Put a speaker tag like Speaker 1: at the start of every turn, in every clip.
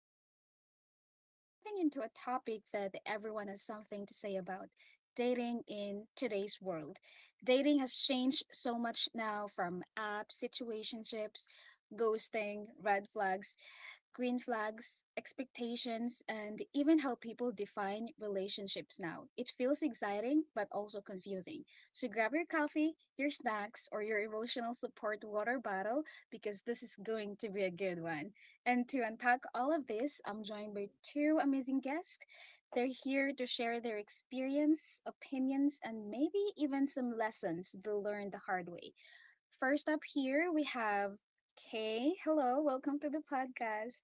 Speaker 1: Leah, and today we're diving into a topic that everyone has something to say about: dating in today's world. Dating has changed so much now, from apps, situationships, ghosting, red flags, green flags, expectations, and even how people define relationships now. It feels exciting, but also confusing. So grab your coffee, your snacks, or your emotional support water bottle, because this is going to be a good one. And to unpack all of this, I'm joined by two amazing guests. They're here to share their experience, opinions, and maybe even some lessons they learned the hard way. First up here, we have Kay. Hello, welcome to the podcast.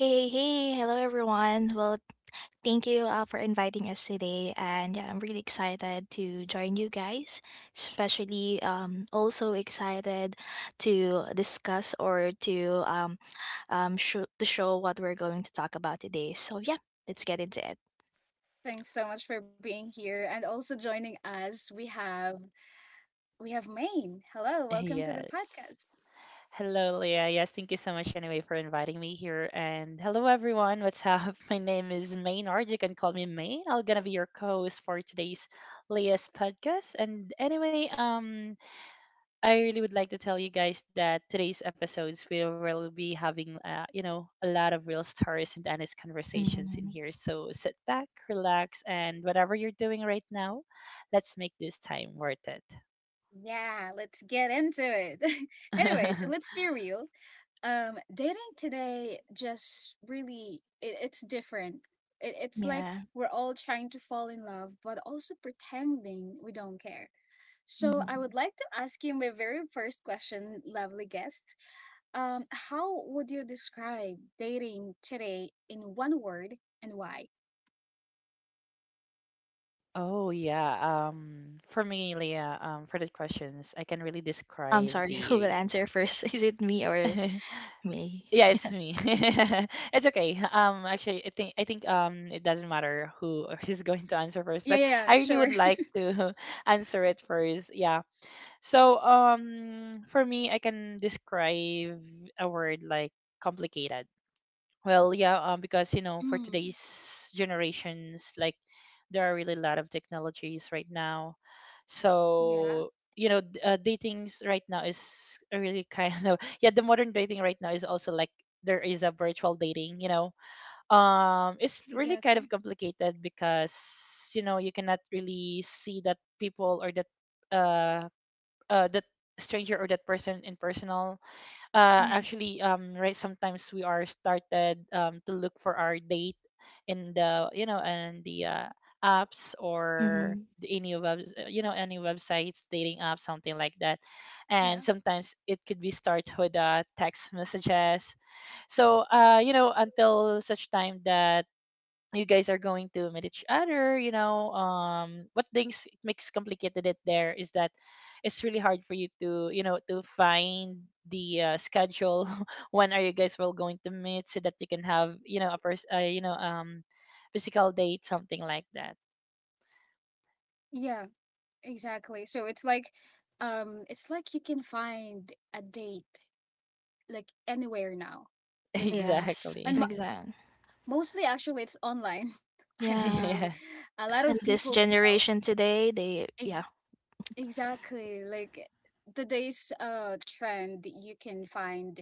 Speaker 2: Hey, hey, hello everyone. Thank you for inviting us today, and yeah, I'm really excited to join you guys. Especially, also excited to discuss or to show what we're going to talk about today. So yeah, let's get into it.
Speaker 1: Thanks so much for being here and also joining us. We have Maine. Hello, welcome to the
Speaker 3: Yes.
Speaker 1: podcast.
Speaker 3: Hello, Leah. Yes, thank you so much anyway for inviting me here. And hello, everyone. What's up? My name is Maynard. You can call me May. I'm gonna be your co-host for today's Leah's podcast. And anyway, I really would like to tell you guys that today's episodes we will be having, a lot of real stories and honest conversations in
Speaker 2: hmm
Speaker 3: here. So sit back, relax, and whatever you're doing right now, let's make this time worth it.
Speaker 1: Yeah, let's get into it. Anyway, so let's be real. Dating today just really it's different. It's like
Speaker 2: Yeah,
Speaker 1: we're all trying to fall in love, but also pretending we don't care. So I
Speaker 2: hmm
Speaker 1: would like to ask you my very first question, lovely guest. How would you describe dating today in one word, and why?
Speaker 3: Oh, yeah. For me, Leah, for the questions, I can really
Speaker 2: I'm
Speaker 3: describe
Speaker 2: sorry, who will
Speaker 3: the.
Speaker 2: answer first? Is it me or me?
Speaker 3: Yeah, it's me. It's okay. Actually, I think it doesn't matter who is going to answer first,
Speaker 1: Yeah,
Speaker 3: but
Speaker 1: yeah, yeah,
Speaker 3: I really
Speaker 1: sure.
Speaker 3: would like to answer it first. Yeah. So for me, I can describe a word like complicated. Well, yeah, because for
Speaker 1: Mm,
Speaker 3: today's generations, like there are really a lot of technologies right now.
Speaker 1: yeah,
Speaker 3: So, datings right now is a really kind of yeah, the modern dating right now is also like there is a virtual dating. It's really kind of
Speaker 1: exactly.
Speaker 3: complicated because you cannot really see that people or uh that stranger or that person in personal
Speaker 1: Mm,
Speaker 3: actually right sometimes we are started to look for our date in the you know and the apps or
Speaker 2: Mhm.
Speaker 3: the any web any websites dating apps something like that, and
Speaker 1: yeah,
Speaker 3: sometimes it could be start with text messages. So until such time that you guys are going to meet each other, what things makes complicated it there is that it's really hard for you to to find the schedule when are you guys well going to meet so that you can have a first physical date, something like that.
Speaker 1: yeah, exactly. So it's like you can find a date like anywhere now, whether it's
Speaker 2: Yes,
Speaker 1: and
Speaker 3: Exactly.
Speaker 1: mo-
Speaker 2: exactly.
Speaker 1: mostly actually it's online. I
Speaker 2: Yeah,
Speaker 1: believe
Speaker 3: Yes.
Speaker 1: a lot
Speaker 2: and
Speaker 1: of
Speaker 2: this
Speaker 1: people
Speaker 2: generation today, they
Speaker 1: e-
Speaker 2: yeah.
Speaker 1: exactly like today's trend. You can find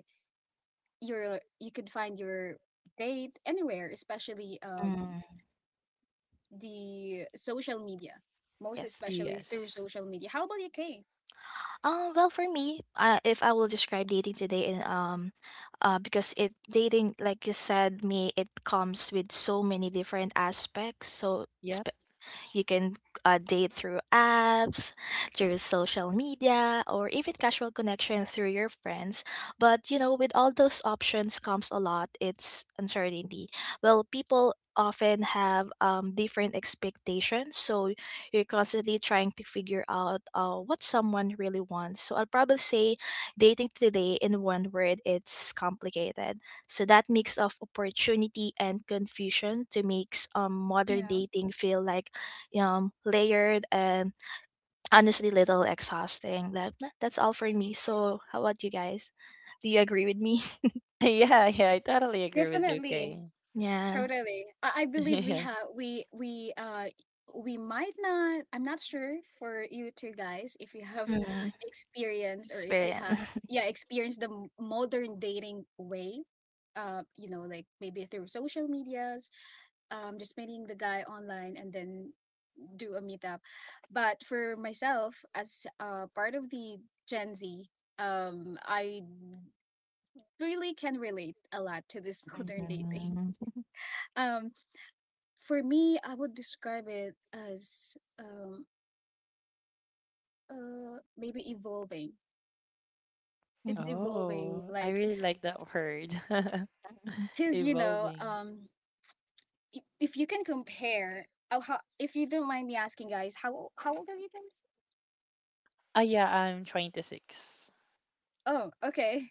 Speaker 1: you could find your date anywhere, especially
Speaker 2: Mm,
Speaker 1: the social media, most
Speaker 2: yes.
Speaker 1: especially through
Speaker 3: Yes.
Speaker 1: social media. How about you, Kay?
Speaker 2: Well, for me, if I will describe dating today, in because it dating, like you said, me, it comes with so many different aspects. So
Speaker 3: Yep.
Speaker 2: you can date through apps, through social media, or even casual connection through your friends. But you know, with all those options comes a lot. It's uncertainty. Well, people often have different expectations, so you're constantly trying to figure out what someone really wants. So I'll probably say dating today in one word, it's complicated, so that mix of opportunity and confusion to makes modern
Speaker 1: Yeah,
Speaker 2: dating feel like layered and honestly little exhausting. That's all for me. So how about you guys? Do you agree with me?
Speaker 3: Yeah, yeah, I totally agree with you,
Speaker 1: definitely.
Speaker 3: Kay.
Speaker 2: Yeah.
Speaker 1: Totally. I believe we
Speaker 3: Yeah.
Speaker 1: have we might not, I'm not sure for you two guys, if you have
Speaker 2: Mm-hmm.
Speaker 1: experience, or if you have
Speaker 2: Experience.
Speaker 1: yeah, experience the modern dating way. You know, like maybe through social medias, just meeting the guy online and then do a meetup. But for myself, as part of the Gen Z, I really can relate a lot to this modern dating.
Speaker 2: hmm
Speaker 1: Um, for me, I would describe it as maybe evolving. It's evolving
Speaker 3: Oh, I
Speaker 1: like
Speaker 3: really like that word.
Speaker 2: Mhm.
Speaker 1: cuz you know,
Speaker 3: Evolving.
Speaker 1: if you can compare, oh, how, if you don't mind me asking, guys, how old are you guys?
Speaker 3: Yeah, I'm 26.
Speaker 1: Oh, okay.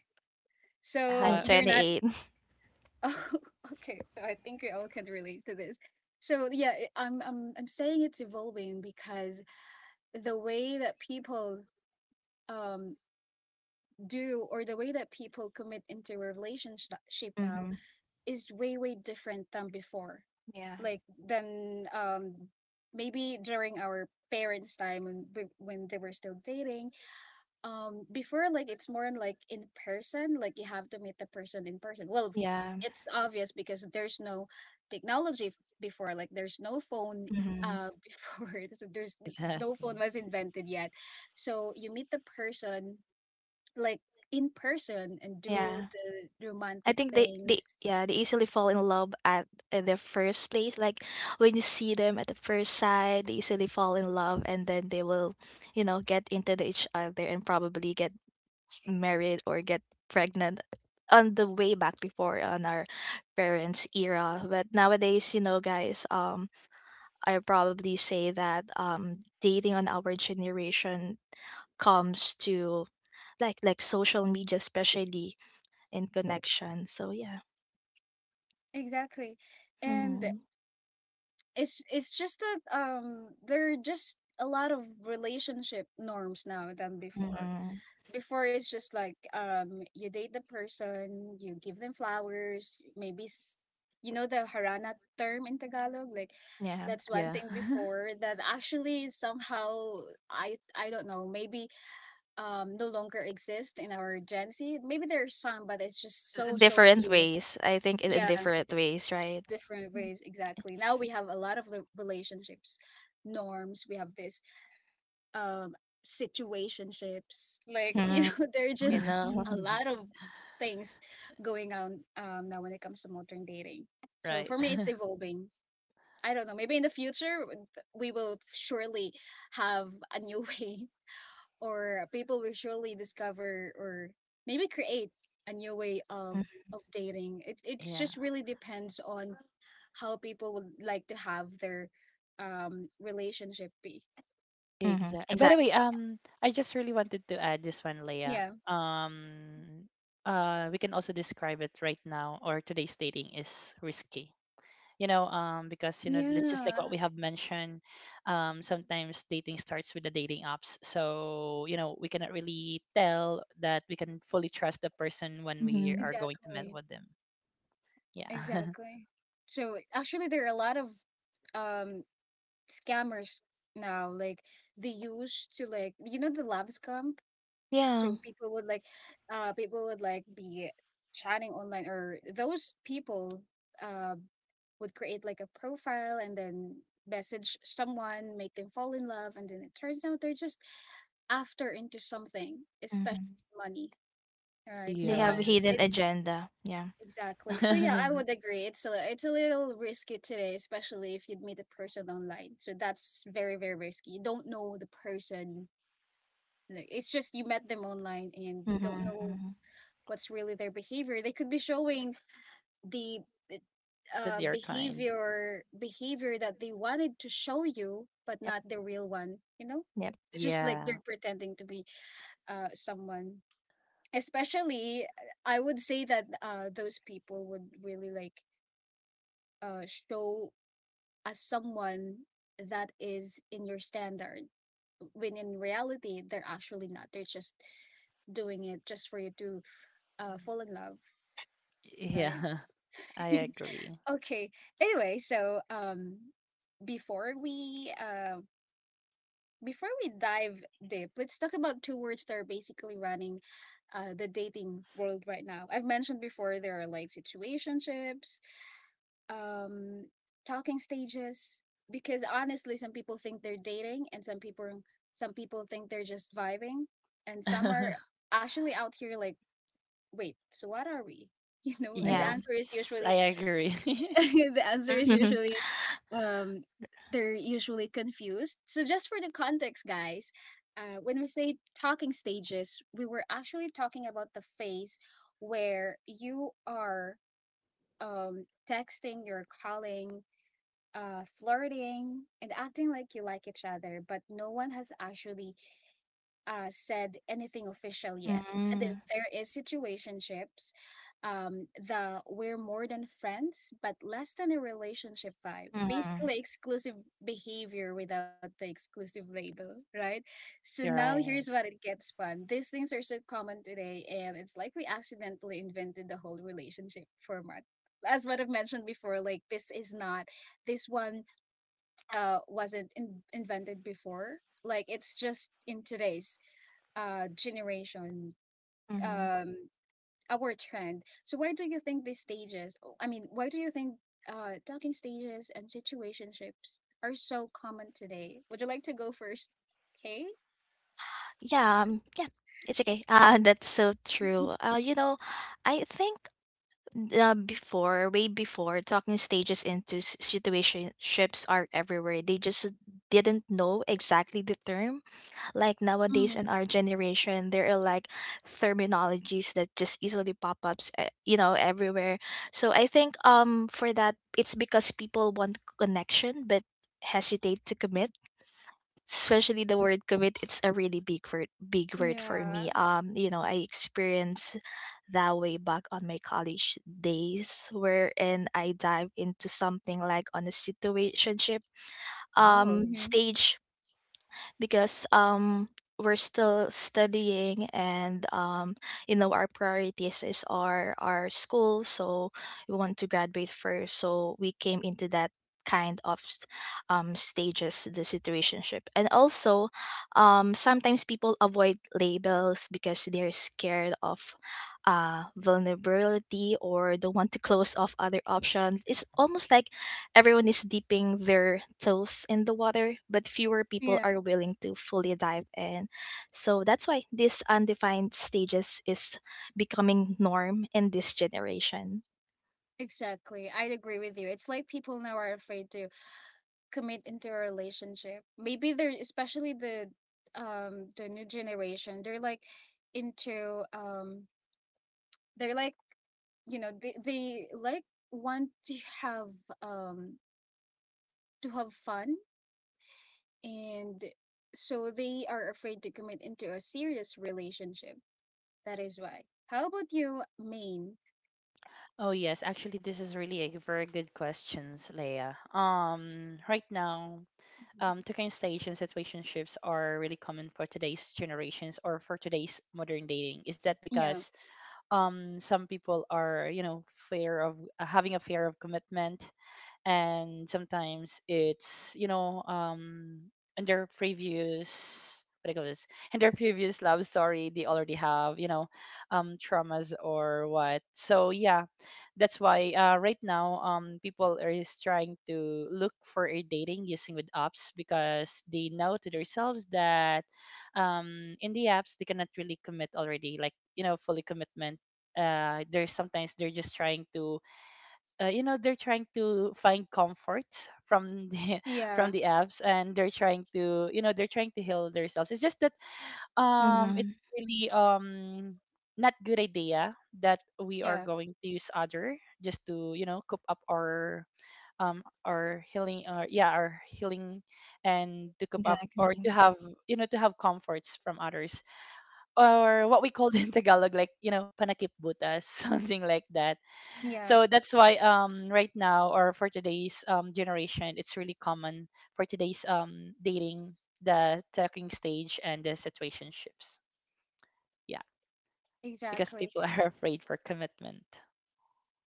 Speaker 1: So
Speaker 2: I'm
Speaker 3: Ha,
Speaker 1: you're not
Speaker 2: 28.
Speaker 1: Oh, okay. So I think we all can relate to this. So yeah, I'm saying it's evolving because the way that people um do, or the way that people commit into a relationship now,
Speaker 2: Mm-hmm.
Speaker 1: is way way different than before,
Speaker 2: Yeah.
Speaker 1: like than maybe during our parents' time when when they were still dating. Before, like, it's more like in person, like you have to meet the person in person.
Speaker 2: Yeah.
Speaker 1: It's obvious because there's no technology. Before, like, there's no phone
Speaker 2: Mm-hmm.
Speaker 1: before, so there's no phone
Speaker 3: exactly.
Speaker 1: was invented yet. So you meet the person, like, in person, and do
Speaker 2: Yeah.
Speaker 1: the
Speaker 2: I
Speaker 1: romantic
Speaker 2: think they
Speaker 1: things.
Speaker 2: yeah they easily fall in love at their first place. Like when you see them at the first sight, they easily fall in love, and then they will, you know, get into the each other and probably get married or get pregnant on the way back before on our parents era. But nowadays, you know guys, I probably say that dating on our generation comes to like social media, especially in connection. So yeah.
Speaker 1: Exactly. And
Speaker 2: Mm.
Speaker 1: it's just that there are just a lot of relationship norms now than before.
Speaker 2: Mm-hmm.
Speaker 1: Before, it's just like, you date the person, you give them flowers, maybe you know, the harana term in Tagalog, like,
Speaker 2: Yeah,
Speaker 1: that's one
Speaker 3: Yeah.
Speaker 1: thing before that actually somehow, I don't know, maybe no longer exist in our Gen Z. Maybe there's some, but it's just so so
Speaker 2: different
Speaker 1: few.
Speaker 2: ways, I think, in
Speaker 1: Yeah,
Speaker 2: different ways, right?
Speaker 1: different ways, exactly. Now we have a lot of the relationships norms. We have this um situationships, like you
Speaker 2: Mhm.
Speaker 1: know, there are
Speaker 2: You
Speaker 1: just a
Speaker 2: know.
Speaker 1: lot of things going on now when it comes to modern dating. So for
Speaker 3: Right.
Speaker 1: me, it's evolving. I don't know, maybe in the future we will surely have a new way, or people will surely discover, or maybe create, a new way of dating. It's
Speaker 3: Yeah.
Speaker 1: just really depends on how people would like to have their relationship be.
Speaker 2: Mhm.
Speaker 3: Exactly. By the
Speaker 2: Exactly.
Speaker 3: way, I just really wanted to add this one, Leah.
Speaker 1: Yeah.
Speaker 3: Um, we can also describe it right now, or today's dating is risky. Because, just like what
Speaker 1: Yeah.
Speaker 3: we have mentioned, sometimes dating starts with the dating apps. So we cannot really tell that we can fully trust the person when we
Speaker 2: Mm-hmm.
Speaker 3: are going to meet
Speaker 1: Exactly.
Speaker 3: with them. Yeah.
Speaker 1: Exactly. So actually, there are a lot of um scammers now, like they use to, like, you know, the love scam.
Speaker 2: Yeah.
Speaker 1: So people would like be chatting online, or those people, uh, would create like a profile and then message someone, make them fall in love, and then it turns out they're just after into something, especially
Speaker 2: Mm-hmm.
Speaker 1: money. Right.
Speaker 2: They
Speaker 1: So I
Speaker 2: have a
Speaker 3: Yeah.
Speaker 2: hidden
Speaker 1: it's
Speaker 2: agenda. Yeah.
Speaker 1: exactly. So yeah, I
Speaker 3: That
Speaker 1: would agree. It's a little risky today, especially if you'd meet a person online. So that's very, very risky. You don't know the person. Like, it's just you met them online and you
Speaker 2: Mm-hmm.
Speaker 1: don't know
Speaker 2: Mm-hmm.
Speaker 1: what's really their behavior. They could be showing the eh,
Speaker 3: they are kind.
Speaker 1: behavior that they wanted to show you, but
Speaker 2: Yep.
Speaker 1: not the real one. You know,
Speaker 2: Yep.
Speaker 1: it's just like
Speaker 3: Yeah.
Speaker 1: they're pretending to be someone. Especially, I would say that those people would really like show as someone that is in your standard, when in reality they're actually not. They're just doing it just for you to fall in love, right?
Speaker 3: Yeah, I agree.
Speaker 1: Okay. Anyway, so before we uh before we dive deep, let's talk about two words that are basically running the dating world right now. I've mentioned before, there are like situationships, um talking stages, because honestly some people think they're dating, and some people think they're just vibing, and some are actually out here like, "Wait, so what are we?" You know, and the
Speaker 2: Yeah.
Speaker 3: Yes,
Speaker 1: answer is usually
Speaker 3: I agree.
Speaker 1: the answer is usually um they're usually confused. So just for the context, guys, when we say talking stages, we were actually talking about the phase where you are texting, you're calling, flirting, and acting like you like each other, but no one has actually said anything official yet. And then
Speaker 2: Mm,
Speaker 1: there is situationships, the we're more than friends, but less than a relationship vibe.
Speaker 2: mm,
Speaker 1: Basically, exclusive behavior without the exclusive label, right? So
Speaker 3: You're
Speaker 1: now
Speaker 3: right.
Speaker 1: here's what it gets fun. These things are so common today, and it's like we accidentally invented the whole relationship format. As what I've mentioned before, like, this is not, this one wasn't invented before. Like, it's just in today's generation,
Speaker 2: mhm.
Speaker 1: um our trend. So where do you think these stages, oh, I mean, why do you think talking stages and situationships are so common today? Would you like to go first? Okay.
Speaker 2: Yeah, yeah, it's okay. That's so true. You know, I think before, way before, talking stages into situationships are everywhere. They just didn't know exactly the term. Like nowadays in
Speaker 1: Mm,
Speaker 2: our generation there are like terminologies that just easily pop ups, you know, everywhere. So I think for that, it's because people want connection but hesitate to commit, especially the word commit. It's a really big word for
Speaker 1: yeah.
Speaker 2: me. You know, I experienced that way back on my college days, wherein I dive into something like on a situationship
Speaker 3: Oh.
Speaker 1: Hmm.
Speaker 2: stage because we're still studying and you know, our priorities is our school. So we want to graduate first, so we came into that kind of stages, the situationship. And also, sometimes people avoid labels because they're scared of vulnerability or don't want to close off other options. It's almost like everyone is dipping their toes in the water, but fewer people
Speaker 1: Yeah,
Speaker 2: are willing to fully dive in. So that's why this undefined stages is becoming norm in this generation.
Speaker 1: exactly. I'd agree with you. It's like people now are afraid to commit into a relationship. Maybe they're, especially the new generation. They're like into they're like, you know, they like want have um to have fun, and so they are afraid to commit into a serious relationship. That is why. How about you, Maine?
Speaker 3: Oh, yes, actually this is really a very good questions, Leia. Right now, talking stage and situationships are really common for today's generations or for today's modern dating. Is that
Speaker 1: Yeah
Speaker 3: because some people are, fear of having a fear of commitment, and sometimes it's in their previous what do you call this in their previous love story they already have, traumas or what. So yeah, that's why right now people are is trying to look for a dating using with apps because they know to themselves that in the apps they cannot really commit already, like fully commitment. There's sometimes they're just trying to you know they're trying to find comfort from the
Speaker 1: yeah
Speaker 3: from the apps, and they're trying to heal themselves. It's just that
Speaker 2: Mm-hmm.
Speaker 3: it's really not good idea that we are
Speaker 1: yeah
Speaker 3: going to use other just to cope up our our healing, or yeah, our healing, and to cope up or
Speaker 2: Exactly.
Speaker 3: to have you know to have comforts from others, or what we call in Tagalog, panakip butas something like that.
Speaker 1: yeah
Speaker 3: So that's why right now, or for today's generation, it's really common for today's dating, the talking stage and the situationships. Yeah, because
Speaker 1: exactly
Speaker 3: people are afraid for commitment.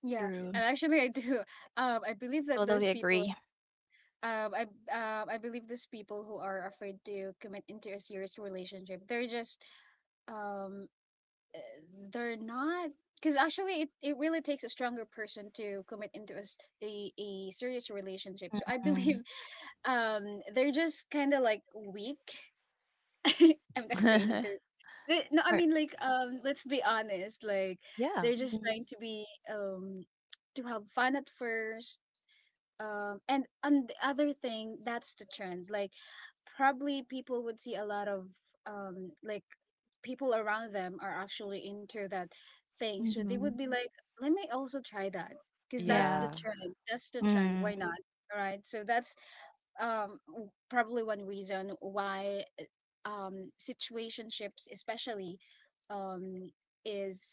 Speaker 1: yeah.
Speaker 2: True.
Speaker 1: And actually, I do I believe that
Speaker 2: Totally
Speaker 1: those people
Speaker 2: agree.
Speaker 1: um i I believe those people who are afraid to commit into a serious relationship, they're just um uh, they're not, because actually, it really takes a stronger person to commit into a serious relationship, so I
Speaker 2: Mm.
Speaker 1: believe they're just kind of like weak. I'm not saying they're no, I
Speaker 2: Or-
Speaker 1: mean, like, let's be honest, like,
Speaker 3: Yeah.
Speaker 1: they're just trying
Speaker 2: Mm-hmm.
Speaker 1: to be um to have fun at first, and the other thing, that's the trend. Like, probably people would see a lot of like people around them are actually into that thing, so they would
Speaker 2: hmm
Speaker 1: be like, let me also try that, because that's
Speaker 2: Yeah.
Speaker 1: the
Speaker 3: Yeah.
Speaker 1: trend, that's the trend,
Speaker 2: Mm.
Speaker 1: why not. Alright. So that's probably one reason why situationships especially um is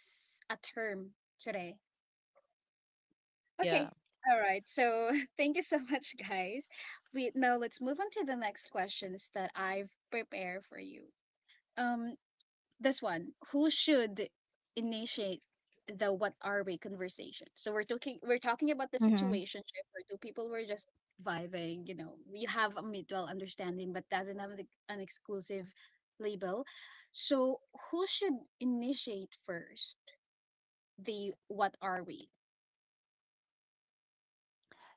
Speaker 1: a term today.
Speaker 3: Yeah.
Speaker 1: Okay. All right. So thank you so much, guys. We Now let's move on to the next questions that I've prepared for you. Um, this one: Who should initiate the "What are we" conversation? So we're talking about the
Speaker 2: Mhm.
Speaker 1: situation, right, where two people were just vibing. You know, you have a mutual understanding, but doesn't have an exclusive label. So who should initiate first? The "What are we"?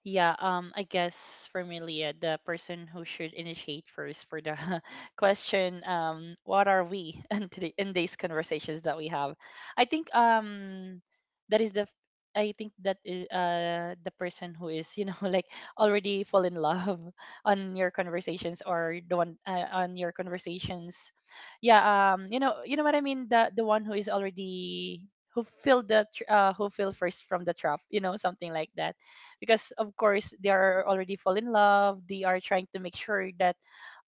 Speaker 3: Yeah, I guess for me, Leah, the person who should initiate first for the question, what are we in today in these conversations that we have? I think um that is the f- I think that is the person who is like already fall in love on your conversations, or the one on your conversations. Yeah, you know what I mean? The one who is already, who feel first from the trap, you know, something like that, because of course they are already fall in love, they are trying to make sure that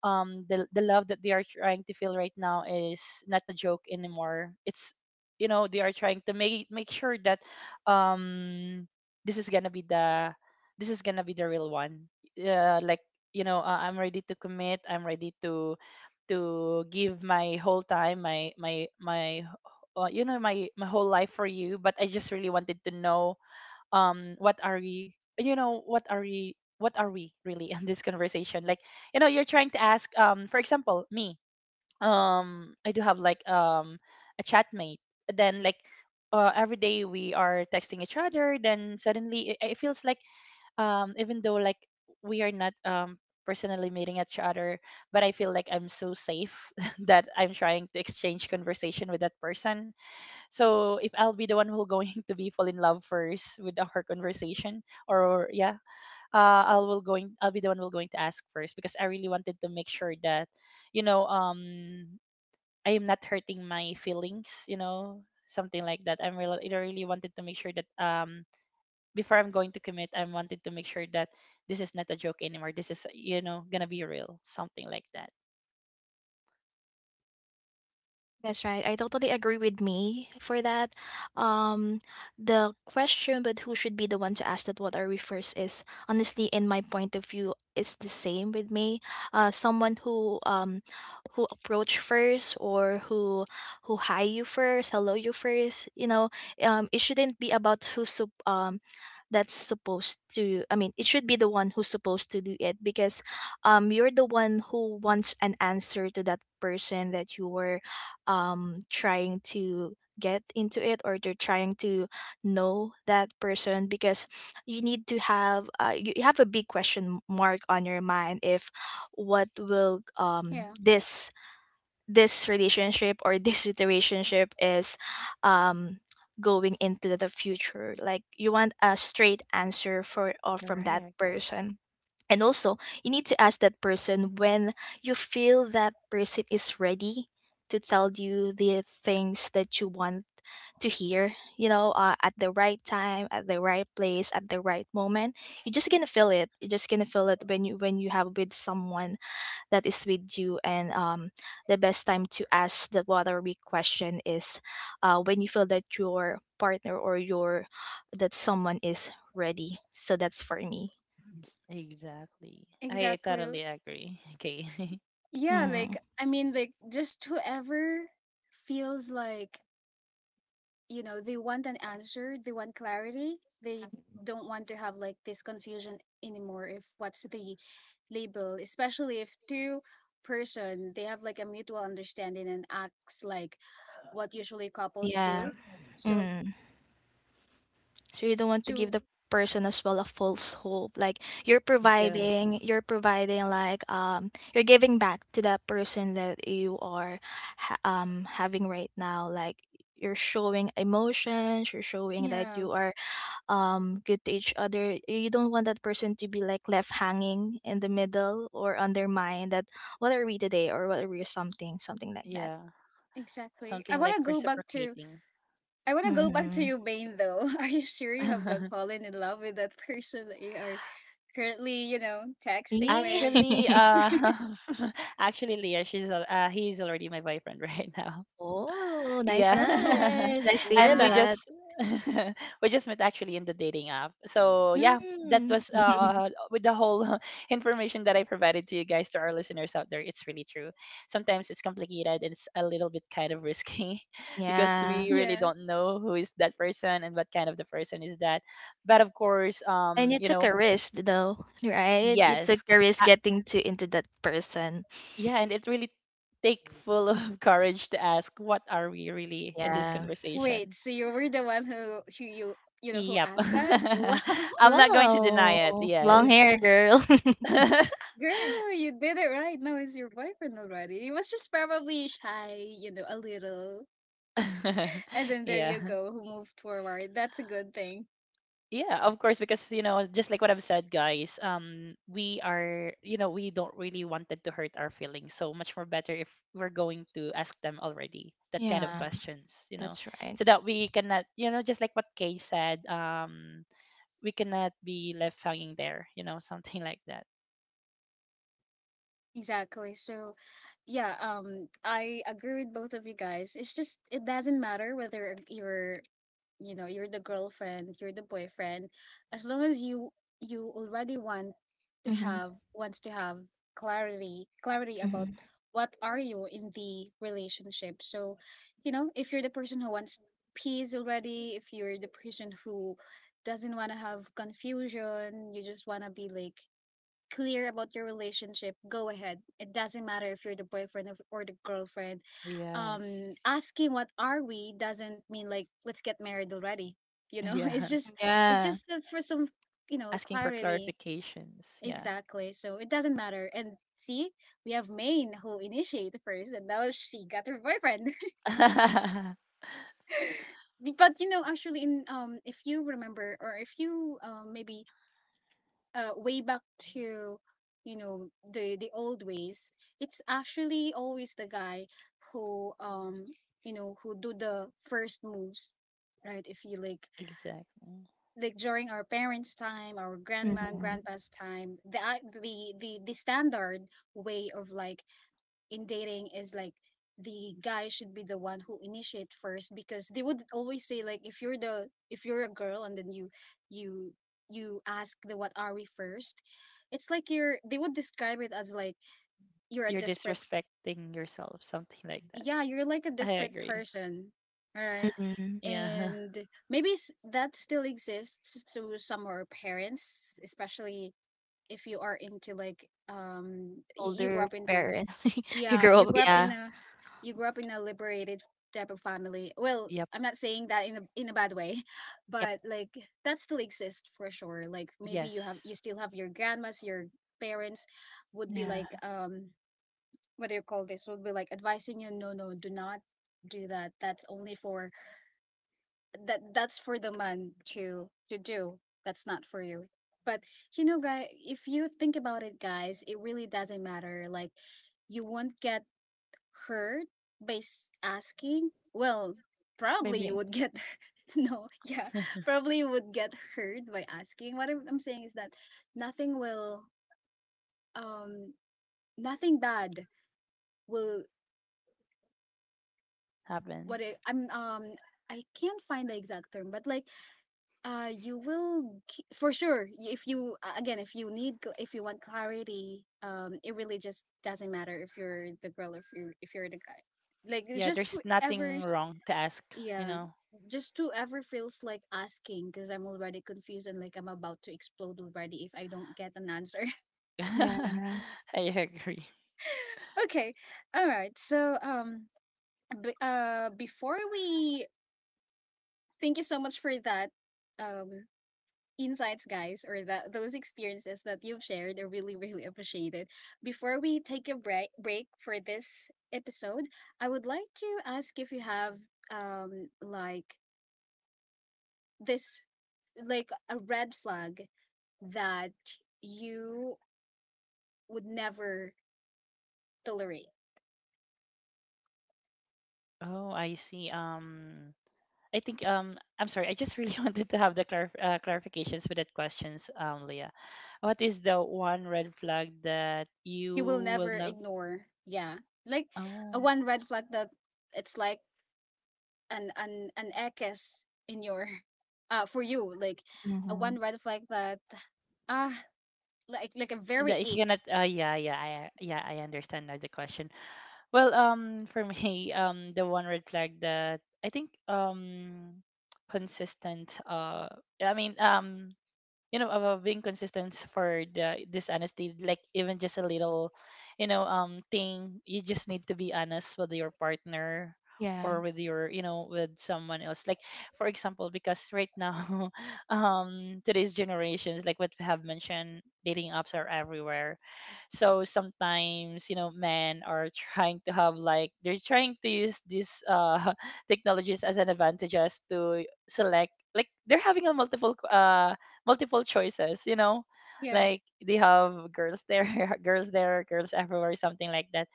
Speaker 3: the love that they are trying to feel right now is not a joke anymore. It's they are trying to make sure that um this is gonna be the this is gonna be the real one, uh, like I'm ready to commit, I'm ready to give my whole time my my my you know my my whole life for you, but I just really wanted to know um what are we what are we really in this conversation, like you're trying to ask, for example me, I do have like a chatmate, then like every day we are texting each other, then suddenly it feels like even though like we are not personally meeting each other, but I feel like I'm so safe that I'm trying to exchange conversation with that person. So if I'll be the one who going to be fall in love first with our conversation, or yeah, I'll be the one who going to ask first, because I really wanted to make sure that, you know, um, I am not hurting my feelings, something like that. I really wanted to make sure that, before I'm going to commit, I wanted to make sure that this is not a joke anymore. This is gonna be real, something like that.
Speaker 2: That's right. I totally agree with me for that. Um, the question, but who should be the one to ask that what are we first, is honestly, in my point of view, is the same with me. Someone who approach first, or who hi you first, hello you first. You know, it shouldn't be about who's sup- that's supposed to. I mean, it should be the one who's supposed to do it because you're the one who wants an answer to that person that you were trying to get into it, or they're trying to know that person. Because you need to have, you you have a big question mark on your mind if what will
Speaker 1: Yeah.
Speaker 2: this this relationship or this situationship is um going into the future. Like you want a straight answer for or from that
Speaker 3: Correct.
Speaker 2: person. And also, you need to ask that person when you feel that person is ready to tell you the things that you want to hear, you know, at the right time, at the right place, at the right moment. You're just gonna feel it. You're just gonna feel it when you have with someone that is with you. And the best time to ask the what are we question is, when you feel that your partner or your that someone is ready. So that's for me.
Speaker 3: Exactly. I
Speaker 1: Exactly.
Speaker 3: totally agree. Okay.
Speaker 1: Yeah,
Speaker 2: Mm,
Speaker 1: like, I mean, like, just whoever feels like, you know, they want an answer, they want clarity, they don't want to have like this confusion anymore. If what's the label, especially if two person, they have like a mutual understanding and acts like what usually couples
Speaker 2: yeah.
Speaker 1: do. So
Speaker 2: Mm. So you don't want to give
Speaker 1: to
Speaker 2: the person as well a false hope. Like
Speaker 3: Yeah.
Speaker 2: you're providing like you're giving back to that person that you are ha having right now. Like you're showing emotions, you're showing that
Speaker 1: yeah,
Speaker 2: you are good to each other. You don't want that person to be like left hanging in the middle or undermined that what are we today or what are we something, something like that.
Speaker 3: Yeah.
Speaker 1: exactly.
Speaker 3: Something like reciprocating.
Speaker 1: I wanna go back to
Speaker 2: Mm-hmm.
Speaker 1: you, Bane. Though, are you sure you have not fallen in love with that person that you are currently, you know, texting with.
Speaker 3: actually, uh, actually, Leah, he's already my boyfriend right now.
Speaker 2: Oh, nice,
Speaker 3: Yeah,
Speaker 1: Oh,
Speaker 2: nice. Nice to hear
Speaker 3: and we
Speaker 1: wow.
Speaker 3: just
Speaker 2: that.
Speaker 3: we just met actually in the dating app. So yeah, that
Speaker 2: Mm.
Speaker 3: was with the whole information that I provided to you guys, to our listeners out there. It's really true. Sometimes it's complicated, and it's a little bit kind of risky because
Speaker 2: Yeah.
Speaker 3: we
Speaker 1: Yeah.
Speaker 3: really don't know who is that person and what kind of the person is that, but of course.
Speaker 2: And you took a risk though, right? You took
Speaker 3: Yes.
Speaker 2: a risk
Speaker 3: Uh,
Speaker 2: getting to into that person.
Speaker 3: yeah, and it really take full of courage to ask what are we really in this
Speaker 2: Yeah.
Speaker 1: Wait,
Speaker 3: conversation?
Speaker 1: so you were the one who, you know, who
Speaker 3: Yep.
Speaker 1: asked that? Wow.
Speaker 3: I'm not going to deny it.
Speaker 2: Wow. Long
Speaker 3: Yes.
Speaker 2: hair girl.
Speaker 1: Girl, you did it right. Now it's your boyfriend already. He was just probably shy, you know, a little. And then there
Speaker 3: Yeah.
Speaker 1: you go, who moved forward. That's a good thing.
Speaker 3: Yeah, of course, because just like what I've said guys, we are, you know, we don't really wanted to hurt our feelings. So much more better if we're going to ask them already that kind of
Speaker 2: Yeah,
Speaker 3: questions,
Speaker 2: that's right.
Speaker 3: so that we cannot, just like what Kay said, we cannot be left hanging there, something like that.
Speaker 1: Exactly. So, yeah, I agree with both of you guys. It's just, it doesn't matter whether you're the girlfriend, you're the boyfriend, as long as you already want to
Speaker 2: hmm
Speaker 1: have, wants to have clarity, clarity about
Speaker 2: hmm
Speaker 1: what are you in the relationship. So you know, if you're the person who wants peace already, if you're the person who doesn't want to have confusion, you just want to be like clear about your relationship, go ahead. It doesn't matter if you're the or the girlfriend.
Speaker 3: Yes.
Speaker 1: Asking what are we doesn't mean like let's get married already. You know, it's
Speaker 3: Yeah.
Speaker 1: just,
Speaker 2: Yeah.
Speaker 1: for some, you know,
Speaker 3: Asking for
Speaker 1: clarity.
Speaker 3: clarifications. Yeah.
Speaker 1: Exactly. So it doesn't matter. And see, we have Maine who initiated first, and now she got her boyfriend. But you know actually, in if you remember, or if you maybe way back to, you know, the old ways, it's actually always the guy who, you know, who do the first moves, right? If you like
Speaker 3: Exactly.
Speaker 1: like during our parents' time, our grandma and
Speaker 2: Mhm,
Speaker 1: grandpa's time, the the standard way of like in dating is like the guy should be the one who initiate first, because they would always say like, if you're the, if you're a girl and then you you you ask the what are we first, it's like you're, they would describe it as like you're a
Speaker 3: You're
Speaker 1: desperate,
Speaker 3: disrespecting yourself, something like that.
Speaker 1: yeah, you're like a
Speaker 3: I
Speaker 1: desperate
Speaker 3: agree.
Speaker 1: person. All right.
Speaker 2: mm.
Speaker 3: Yeah.
Speaker 1: And maybe that still exists to some of our parents, especially if you are into like, you grew
Speaker 2: Older
Speaker 1: up into,
Speaker 2: parents. You
Speaker 1: yeah,
Speaker 2: grow
Speaker 1: you
Speaker 2: up
Speaker 1: grew up in
Speaker 2: yeah.
Speaker 1: a, you grew up in a liberated type of family. Well,
Speaker 3: Yep.
Speaker 1: I'm not saying that in a, in a bad way,
Speaker 2: Yep.
Speaker 1: but like, that still exists for sure. Like maybe you have, you
Speaker 3: Yes.
Speaker 1: still have your grandmas, your parents would be
Speaker 2: Yeah.
Speaker 1: like, what do you call this? Would be like advising you, no, no, do not do that. That's only for that, that's for the man to do. That's not for you. But you know, guy, if you think about it, guys, it really doesn't matter. Like, you won't get hurt by asking? Well, probably you
Speaker 2: Maybe
Speaker 1: would get no, yeah, probably you would get hurt by asking. What I'm saying is that nothing will, um nothing bad will,
Speaker 3: Happen.
Speaker 1: what I, I'm I can't find the exact term, but like, you will for sure if you again, if you need if you want clarity, it really just doesn't matter if you're the girl, or if you're the guy. Like it's
Speaker 3: Yeah,
Speaker 1: just
Speaker 3: there's
Speaker 1: whoever.
Speaker 3: nothing wrong to ask, you
Speaker 1: Yeah.
Speaker 3: know.
Speaker 1: Just to ever feels like asking, because I'm already confused and like I'm about to explode already if I don't get an answer.
Speaker 2: yeah.
Speaker 3: I agree.
Speaker 1: Okay. All right. So before we, thank you so much for that, um insights guys, or that, those experiences that you've shared. I really really appreciate it. Before we take a break for this episode, I would like to ask if you have, like this, like a red flag that you would never tolerate.
Speaker 3: Oh, I see. I think I'm sorry. I just really wanted to have the clarifications with that questions, Leah. What is the one red flag that you
Speaker 1: You will
Speaker 3: will
Speaker 1: never
Speaker 3: not?
Speaker 1: ignore. Yeah. Like a
Speaker 3: Oh,
Speaker 1: one red flag that, it's like an an ekes in your for you. Like a
Speaker 2: Mhm.
Speaker 1: one red flag that, ah, like a very
Speaker 3: that you
Speaker 1: ick.
Speaker 3: cannot. Yeah, yeah, I understand now the question. Well, for me, the one red flag that I think consistent. I mean about being consistent for the dishonesty, like even just a little thing, you just need to be honest with your partner,
Speaker 2: Yeah.
Speaker 3: or with your you know with someone else, like for example because right now today's generations, like what we have mentioned, dating apps are everywhere, so sometimes men are trying to have like they're trying to use these technologies as an advantage, as to select, like they're having a multiple choices,
Speaker 1: Yeah.
Speaker 3: like they have girls there, girls there, girls everywhere, something like that.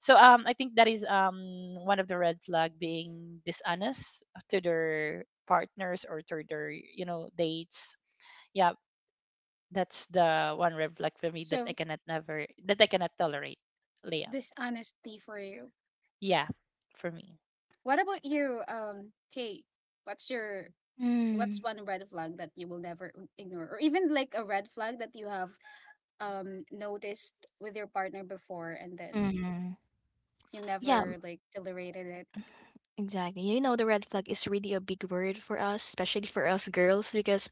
Speaker 3: So I think that is one of the red flag, being dishonest to their partners or to their, dates. Yeah, that's the one red flag for me that I
Speaker 1: So,
Speaker 3: cannot never that I cannot tolerate, Leah.
Speaker 1: dishonesty for you.
Speaker 3: Yeah, for me.
Speaker 1: What about you, Kate? What's your,
Speaker 2: Mm.
Speaker 1: what's one red flag that you will never ignore, or even like a red flag that you have noticed with your partner before, and then
Speaker 2: Mhm.
Speaker 1: you
Speaker 2: Yeah,
Speaker 1: never like tolerated it?
Speaker 2: exactly. You know, the red flag is really a big word for us, especially for us girls, because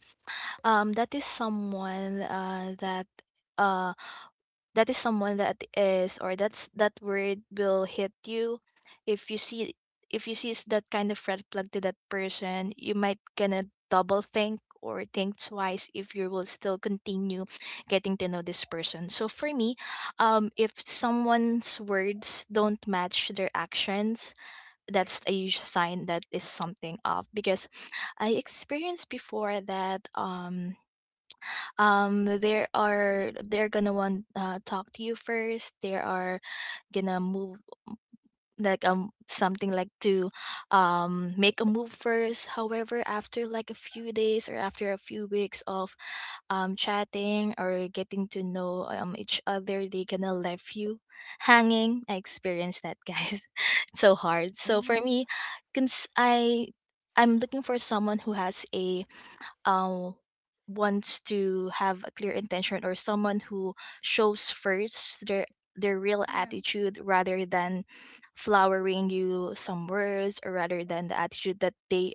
Speaker 2: that is someone that, uh that is someone that is, or that's that word will hit you. If you see, if you see that kind of red flag to that person, you might gonna double think or think twice if you will still continue getting to know this person. So for me, if someone's words don't match their actions, that's a huge sign that is something off. Because I experienced before that, there are, they're gonna want talk to you first. They are gonna move like something like to make a move first. However, after like a few days or after a few weeks of chatting or getting to know each other, they gonna left you hanging. I experienced that guys, it's so hard. So for
Speaker 3: Mm,
Speaker 2: me, cons- i I'm looking for someone who has a, um wants to have a clear intention, or someone who shows first their real
Speaker 1: Yeah.
Speaker 2: attitude rather than flowering you some words, or rather than the attitude that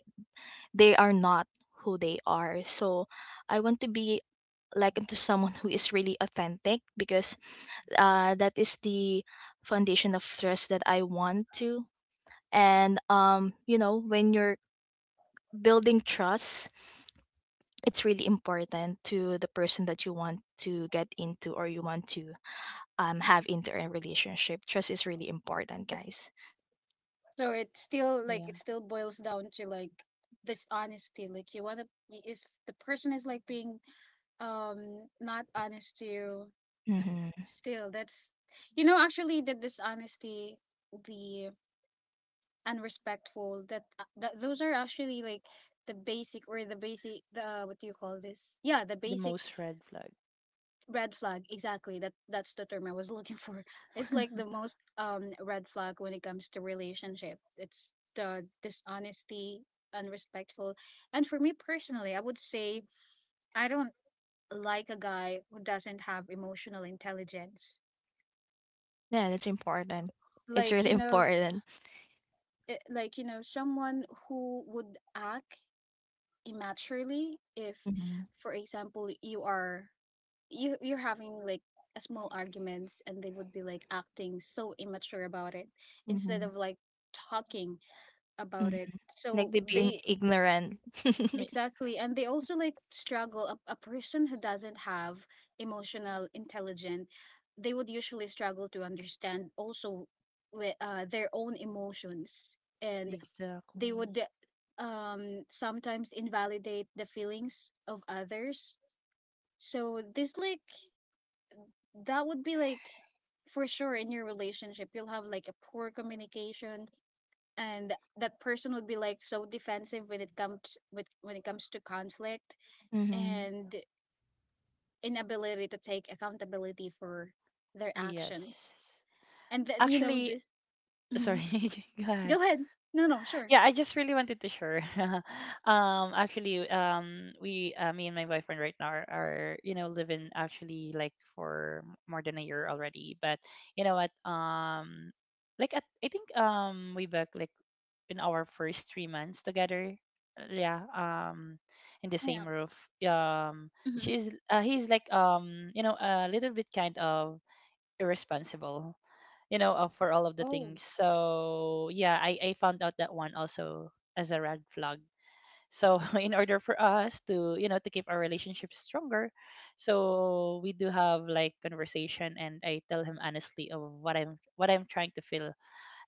Speaker 2: they are not who they are. So I want to be like into someone who is really authentic, because that is the foundation of trust that I want to. And you know, when you're building trust, it's really important to the person that you want to get into or you want to have into a relationship. Trust is really important, guys.
Speaker 1: So it still like,
Speaker 3: yeah,
Speaker 1: it still boils down to like this honesty. Like you want to, if the person is like being, not honest to you,
Speaker 2: Mm-hmm.
Speaker 1: still that's, you know, actually the dishonesty, the and respectful, that that those are actually like the basic, or the basic, the what do you call this, yeah, the
Speaker 3: the
Speaker 1: basic
Speaker 3: most red flag.
Speaker 1: red flag, exactly, that that's the term I was looking for. It's like the most, red flag when it comes to relationship, it's the dishonesty, unrespectful. And for me personally, I would say, I don't like a guy who doesn't have emotional intelligence.
Speaker 2: Yeah, that's important. It's
Speaker 1: Like,
Speaker 2: really
Speaker 1: you know,
Speaker 2: important.
Speaker 1: it, like you know, someone who would act immaturely if,
Speaker 2: Mm-hmm.
Speaker 1: for example, you are, you're having like a small arguments, and they would be like acting so immature about it instead
Speaker 2: Mm-hmm.
Speaker 1: of like talking about it.
Speaker 2: Mm-hmm. Like
Speaker 1: So
Speaker 2: the being
Speaker 3: Yeah,
Speaker 1: they,
Speaker 2: ignorant.
Speaker 3: me-
Speaker 1: exactly, and they also like struggle, a person who doesn't have emotional intelligence, they would usually struggle to understand also with their own emotions, and they
Speaker 3: exactly.
Speaker 1: would, sometimes invalidate the feelings of others, so this like, that would be like, for sure in your relationship you'll have like a poor communication, and that person would be like so defensive when it comes with, when it comes to conflict,
Speaker 2: Mm-hmm.
Speaker 1: and inability to take accountability for their actions,
Speaker 3: Yes.
Speaker 1: and that you know
Speaker 3: Actually,
Speaker 1: this, hmm,
Speaker 3: sorry. Go ahead.
Speaker 1: go ahead, no no sure,
Speaker 3: Yeah, I just really wanted to share. Actually, me and my boyfriend right now are, living actually like for more than a year already. But you know what? Like at, I think way back like in our first 3 months together. Yeah. In the
Speaker 1: yeah,
Speaker 3: same roof. Um,
Speaker 1: hmm,
Speaker 3: she's he's like a little bit kind of irresponsible, for all of the
Speaker 1: oh,
Speaker 3: things. So yeah, I found out that one also as a red flag, so in order for us to you know to keep our relationship stronger, so we do have like conversation, and I tell him honestly of what I'm trying to feel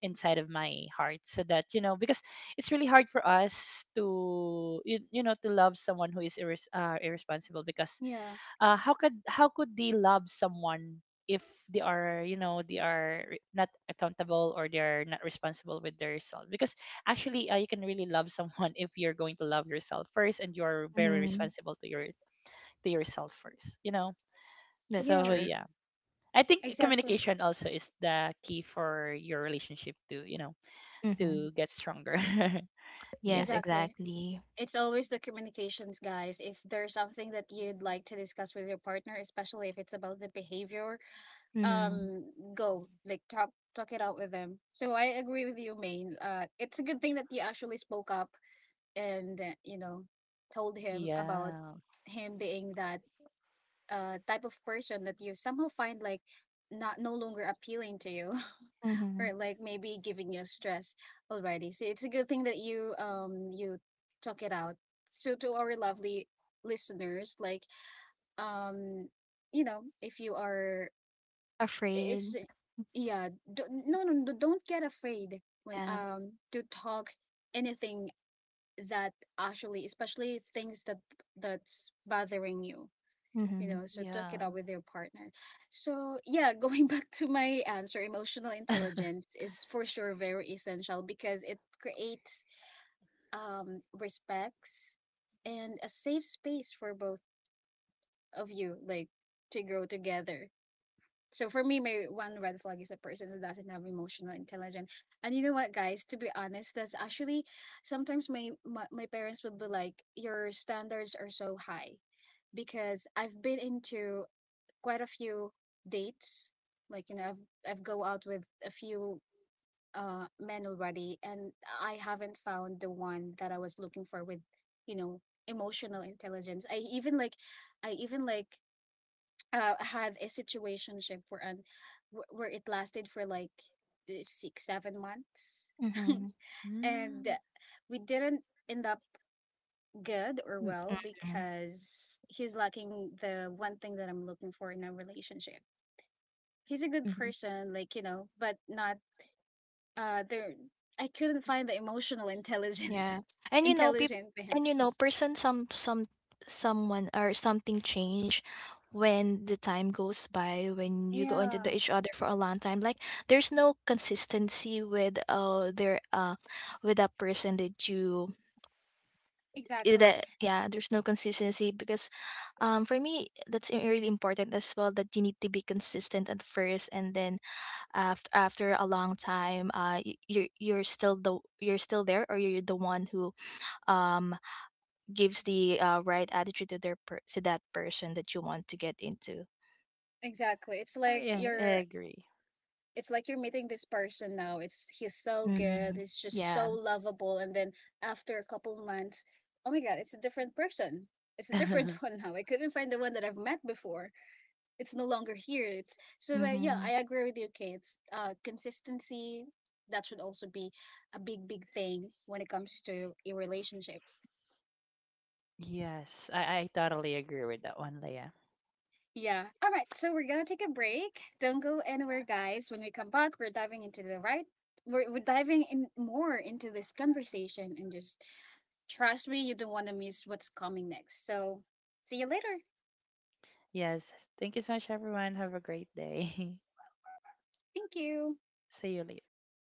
Speaker 3: inside of my heart, so that, because it's really hard for us to to love someone who is irresponsible, because
Speaker 1: yeah,
Speaker 3: how could they love someone if they are not accountable, or they're not responsible with their self, because actually you can really love someone if you're going to love yourself first, and you're very
Speaker 2: Mm-hmm.
Speaker 3: responsible to yourself first.
Speaker 2: That's
Speaker 3: So
Speaker 1: yeah,
Speaker 2: true.
Speaker 3: yeah, I think
Speaker 1: exactly.
Speaker 3: communication also is the key for your relationship to you know
Speaker 2: Mm-hmm.
Speaker 3: to get stronger. Yeah.
Speaker 2: Yes,
Speaker 1: Exactly.
Speaker 2: exactly.
Speaker 1: It's always the communications, guys. If there's something that you'd like to discuss with your partner, especially if it's about the behavior,
Speaker 2: Mm-hmm.
Speaker 1: go like, talk, talk it out with them. So I agree with you, Maine. It's a good thing that you actually spoke up, and you know, told him about
Speaker 3: Yeah.
Speaker 1: him being that, type of person that you somehow find like not, no longer appealing to you,
Speaker 2: Mm-hmm.
Speaker 1: or like maybe giving you stress already. So it's a good thing that you, you talk it out. So to our lovely listeners, like, um you know, if you are, it's,
Speaker 2: Afraid.
Speaker 1: yeah, don't, no no no, don't get afraid when,
Speaker 2: Yeah.
Speaker 1: to talk anything that, actually especially things that, that's bothering you, you
Speaker 2: Mm-hmm.
Speaker 1: know, so
Speaker 3: Yeah.
Speaker 1: talk it out with your partner. So yeah, going back to my answer, emotional
Speaker 3: mm,
Speaker 1: intelligence is for sure very essential because it creates, respects and a safe space for both of you, like to grow together. So for me, my one red flag is a person who doesn't have emotional intelligence. And you know what, guys, to be honest, that's actually sometimes my parents would be like, your standards are so high, because I've been into quite a few dates. Like, you know, I've go out with a few men already, and I haven't found the one that I was looking for with, you know, emotional intelligence. I even like, had a situationship where, and where it lasted for like 6 7 months.
Speaker 2: Mm-hmm.
Speaker 1: And we didn't end up good or
Speaker 2: Mm,
Speaker 1: well,
Speaker 2: mm,
Speaker 1: because he's lacking the one thing that I'm looking for in a relationship. He's a good
Speaker 2: mhm,
Speaker 1: person, like, you know, but not, there, I couldn't find the emotional intelligence
Speaker 2: yeah, and you know, peop
Speaker 1: intelligent there.
Speaker 2: and you know, person, some someone or something change when the time goes by, when you go into the
Speaker 1: Yeah,
Speaker 2: each other for a long time. Like there's no consistency with their with that person that you
Speaker 1: exactly.
Speaker 2: that yeah, there's no consistency. Because for me, that's really important as well, that you need to be consistent at first and then after after a long time, you're still the you're still there, or you're the one who um gives the, right attitude to their to that person that you want to get into.
Speaker 1: Exactly. It's like
Speaker 3: I
Speaker 1: you're,
Speaker 3: agree.
Speaker 1: it's like you're meeting this person now. It's, he's so good,
Speaker 2: Hmm
Speaker 1: he's just so
Speaker 2: yeah
Speaker 1: lovable, and then after a couple months, oh my god, it's a different person. It's a different one now. I couldn't find the one that I've met before. It's no longer here. It's so like, yeah, I agree with you, Kate. It's, uh, consistency that should also be a big, big thing when it comes to a relationship.
Speaker 3: Yes, I totally agree with that one, Leah.
Speaker 1: Yeah. All right. So we're gonna take a break. Don't go anywhere, guys. When we come back, we're diving into the right. We're diving in more into this conversation, and just trust me, you don't want to miss what's coming next. So see you later.
Speaker 3: Yes, thank you so much, everyone. Have a great day.
Speaker 1: Thank you.
Speaker 3: See you later.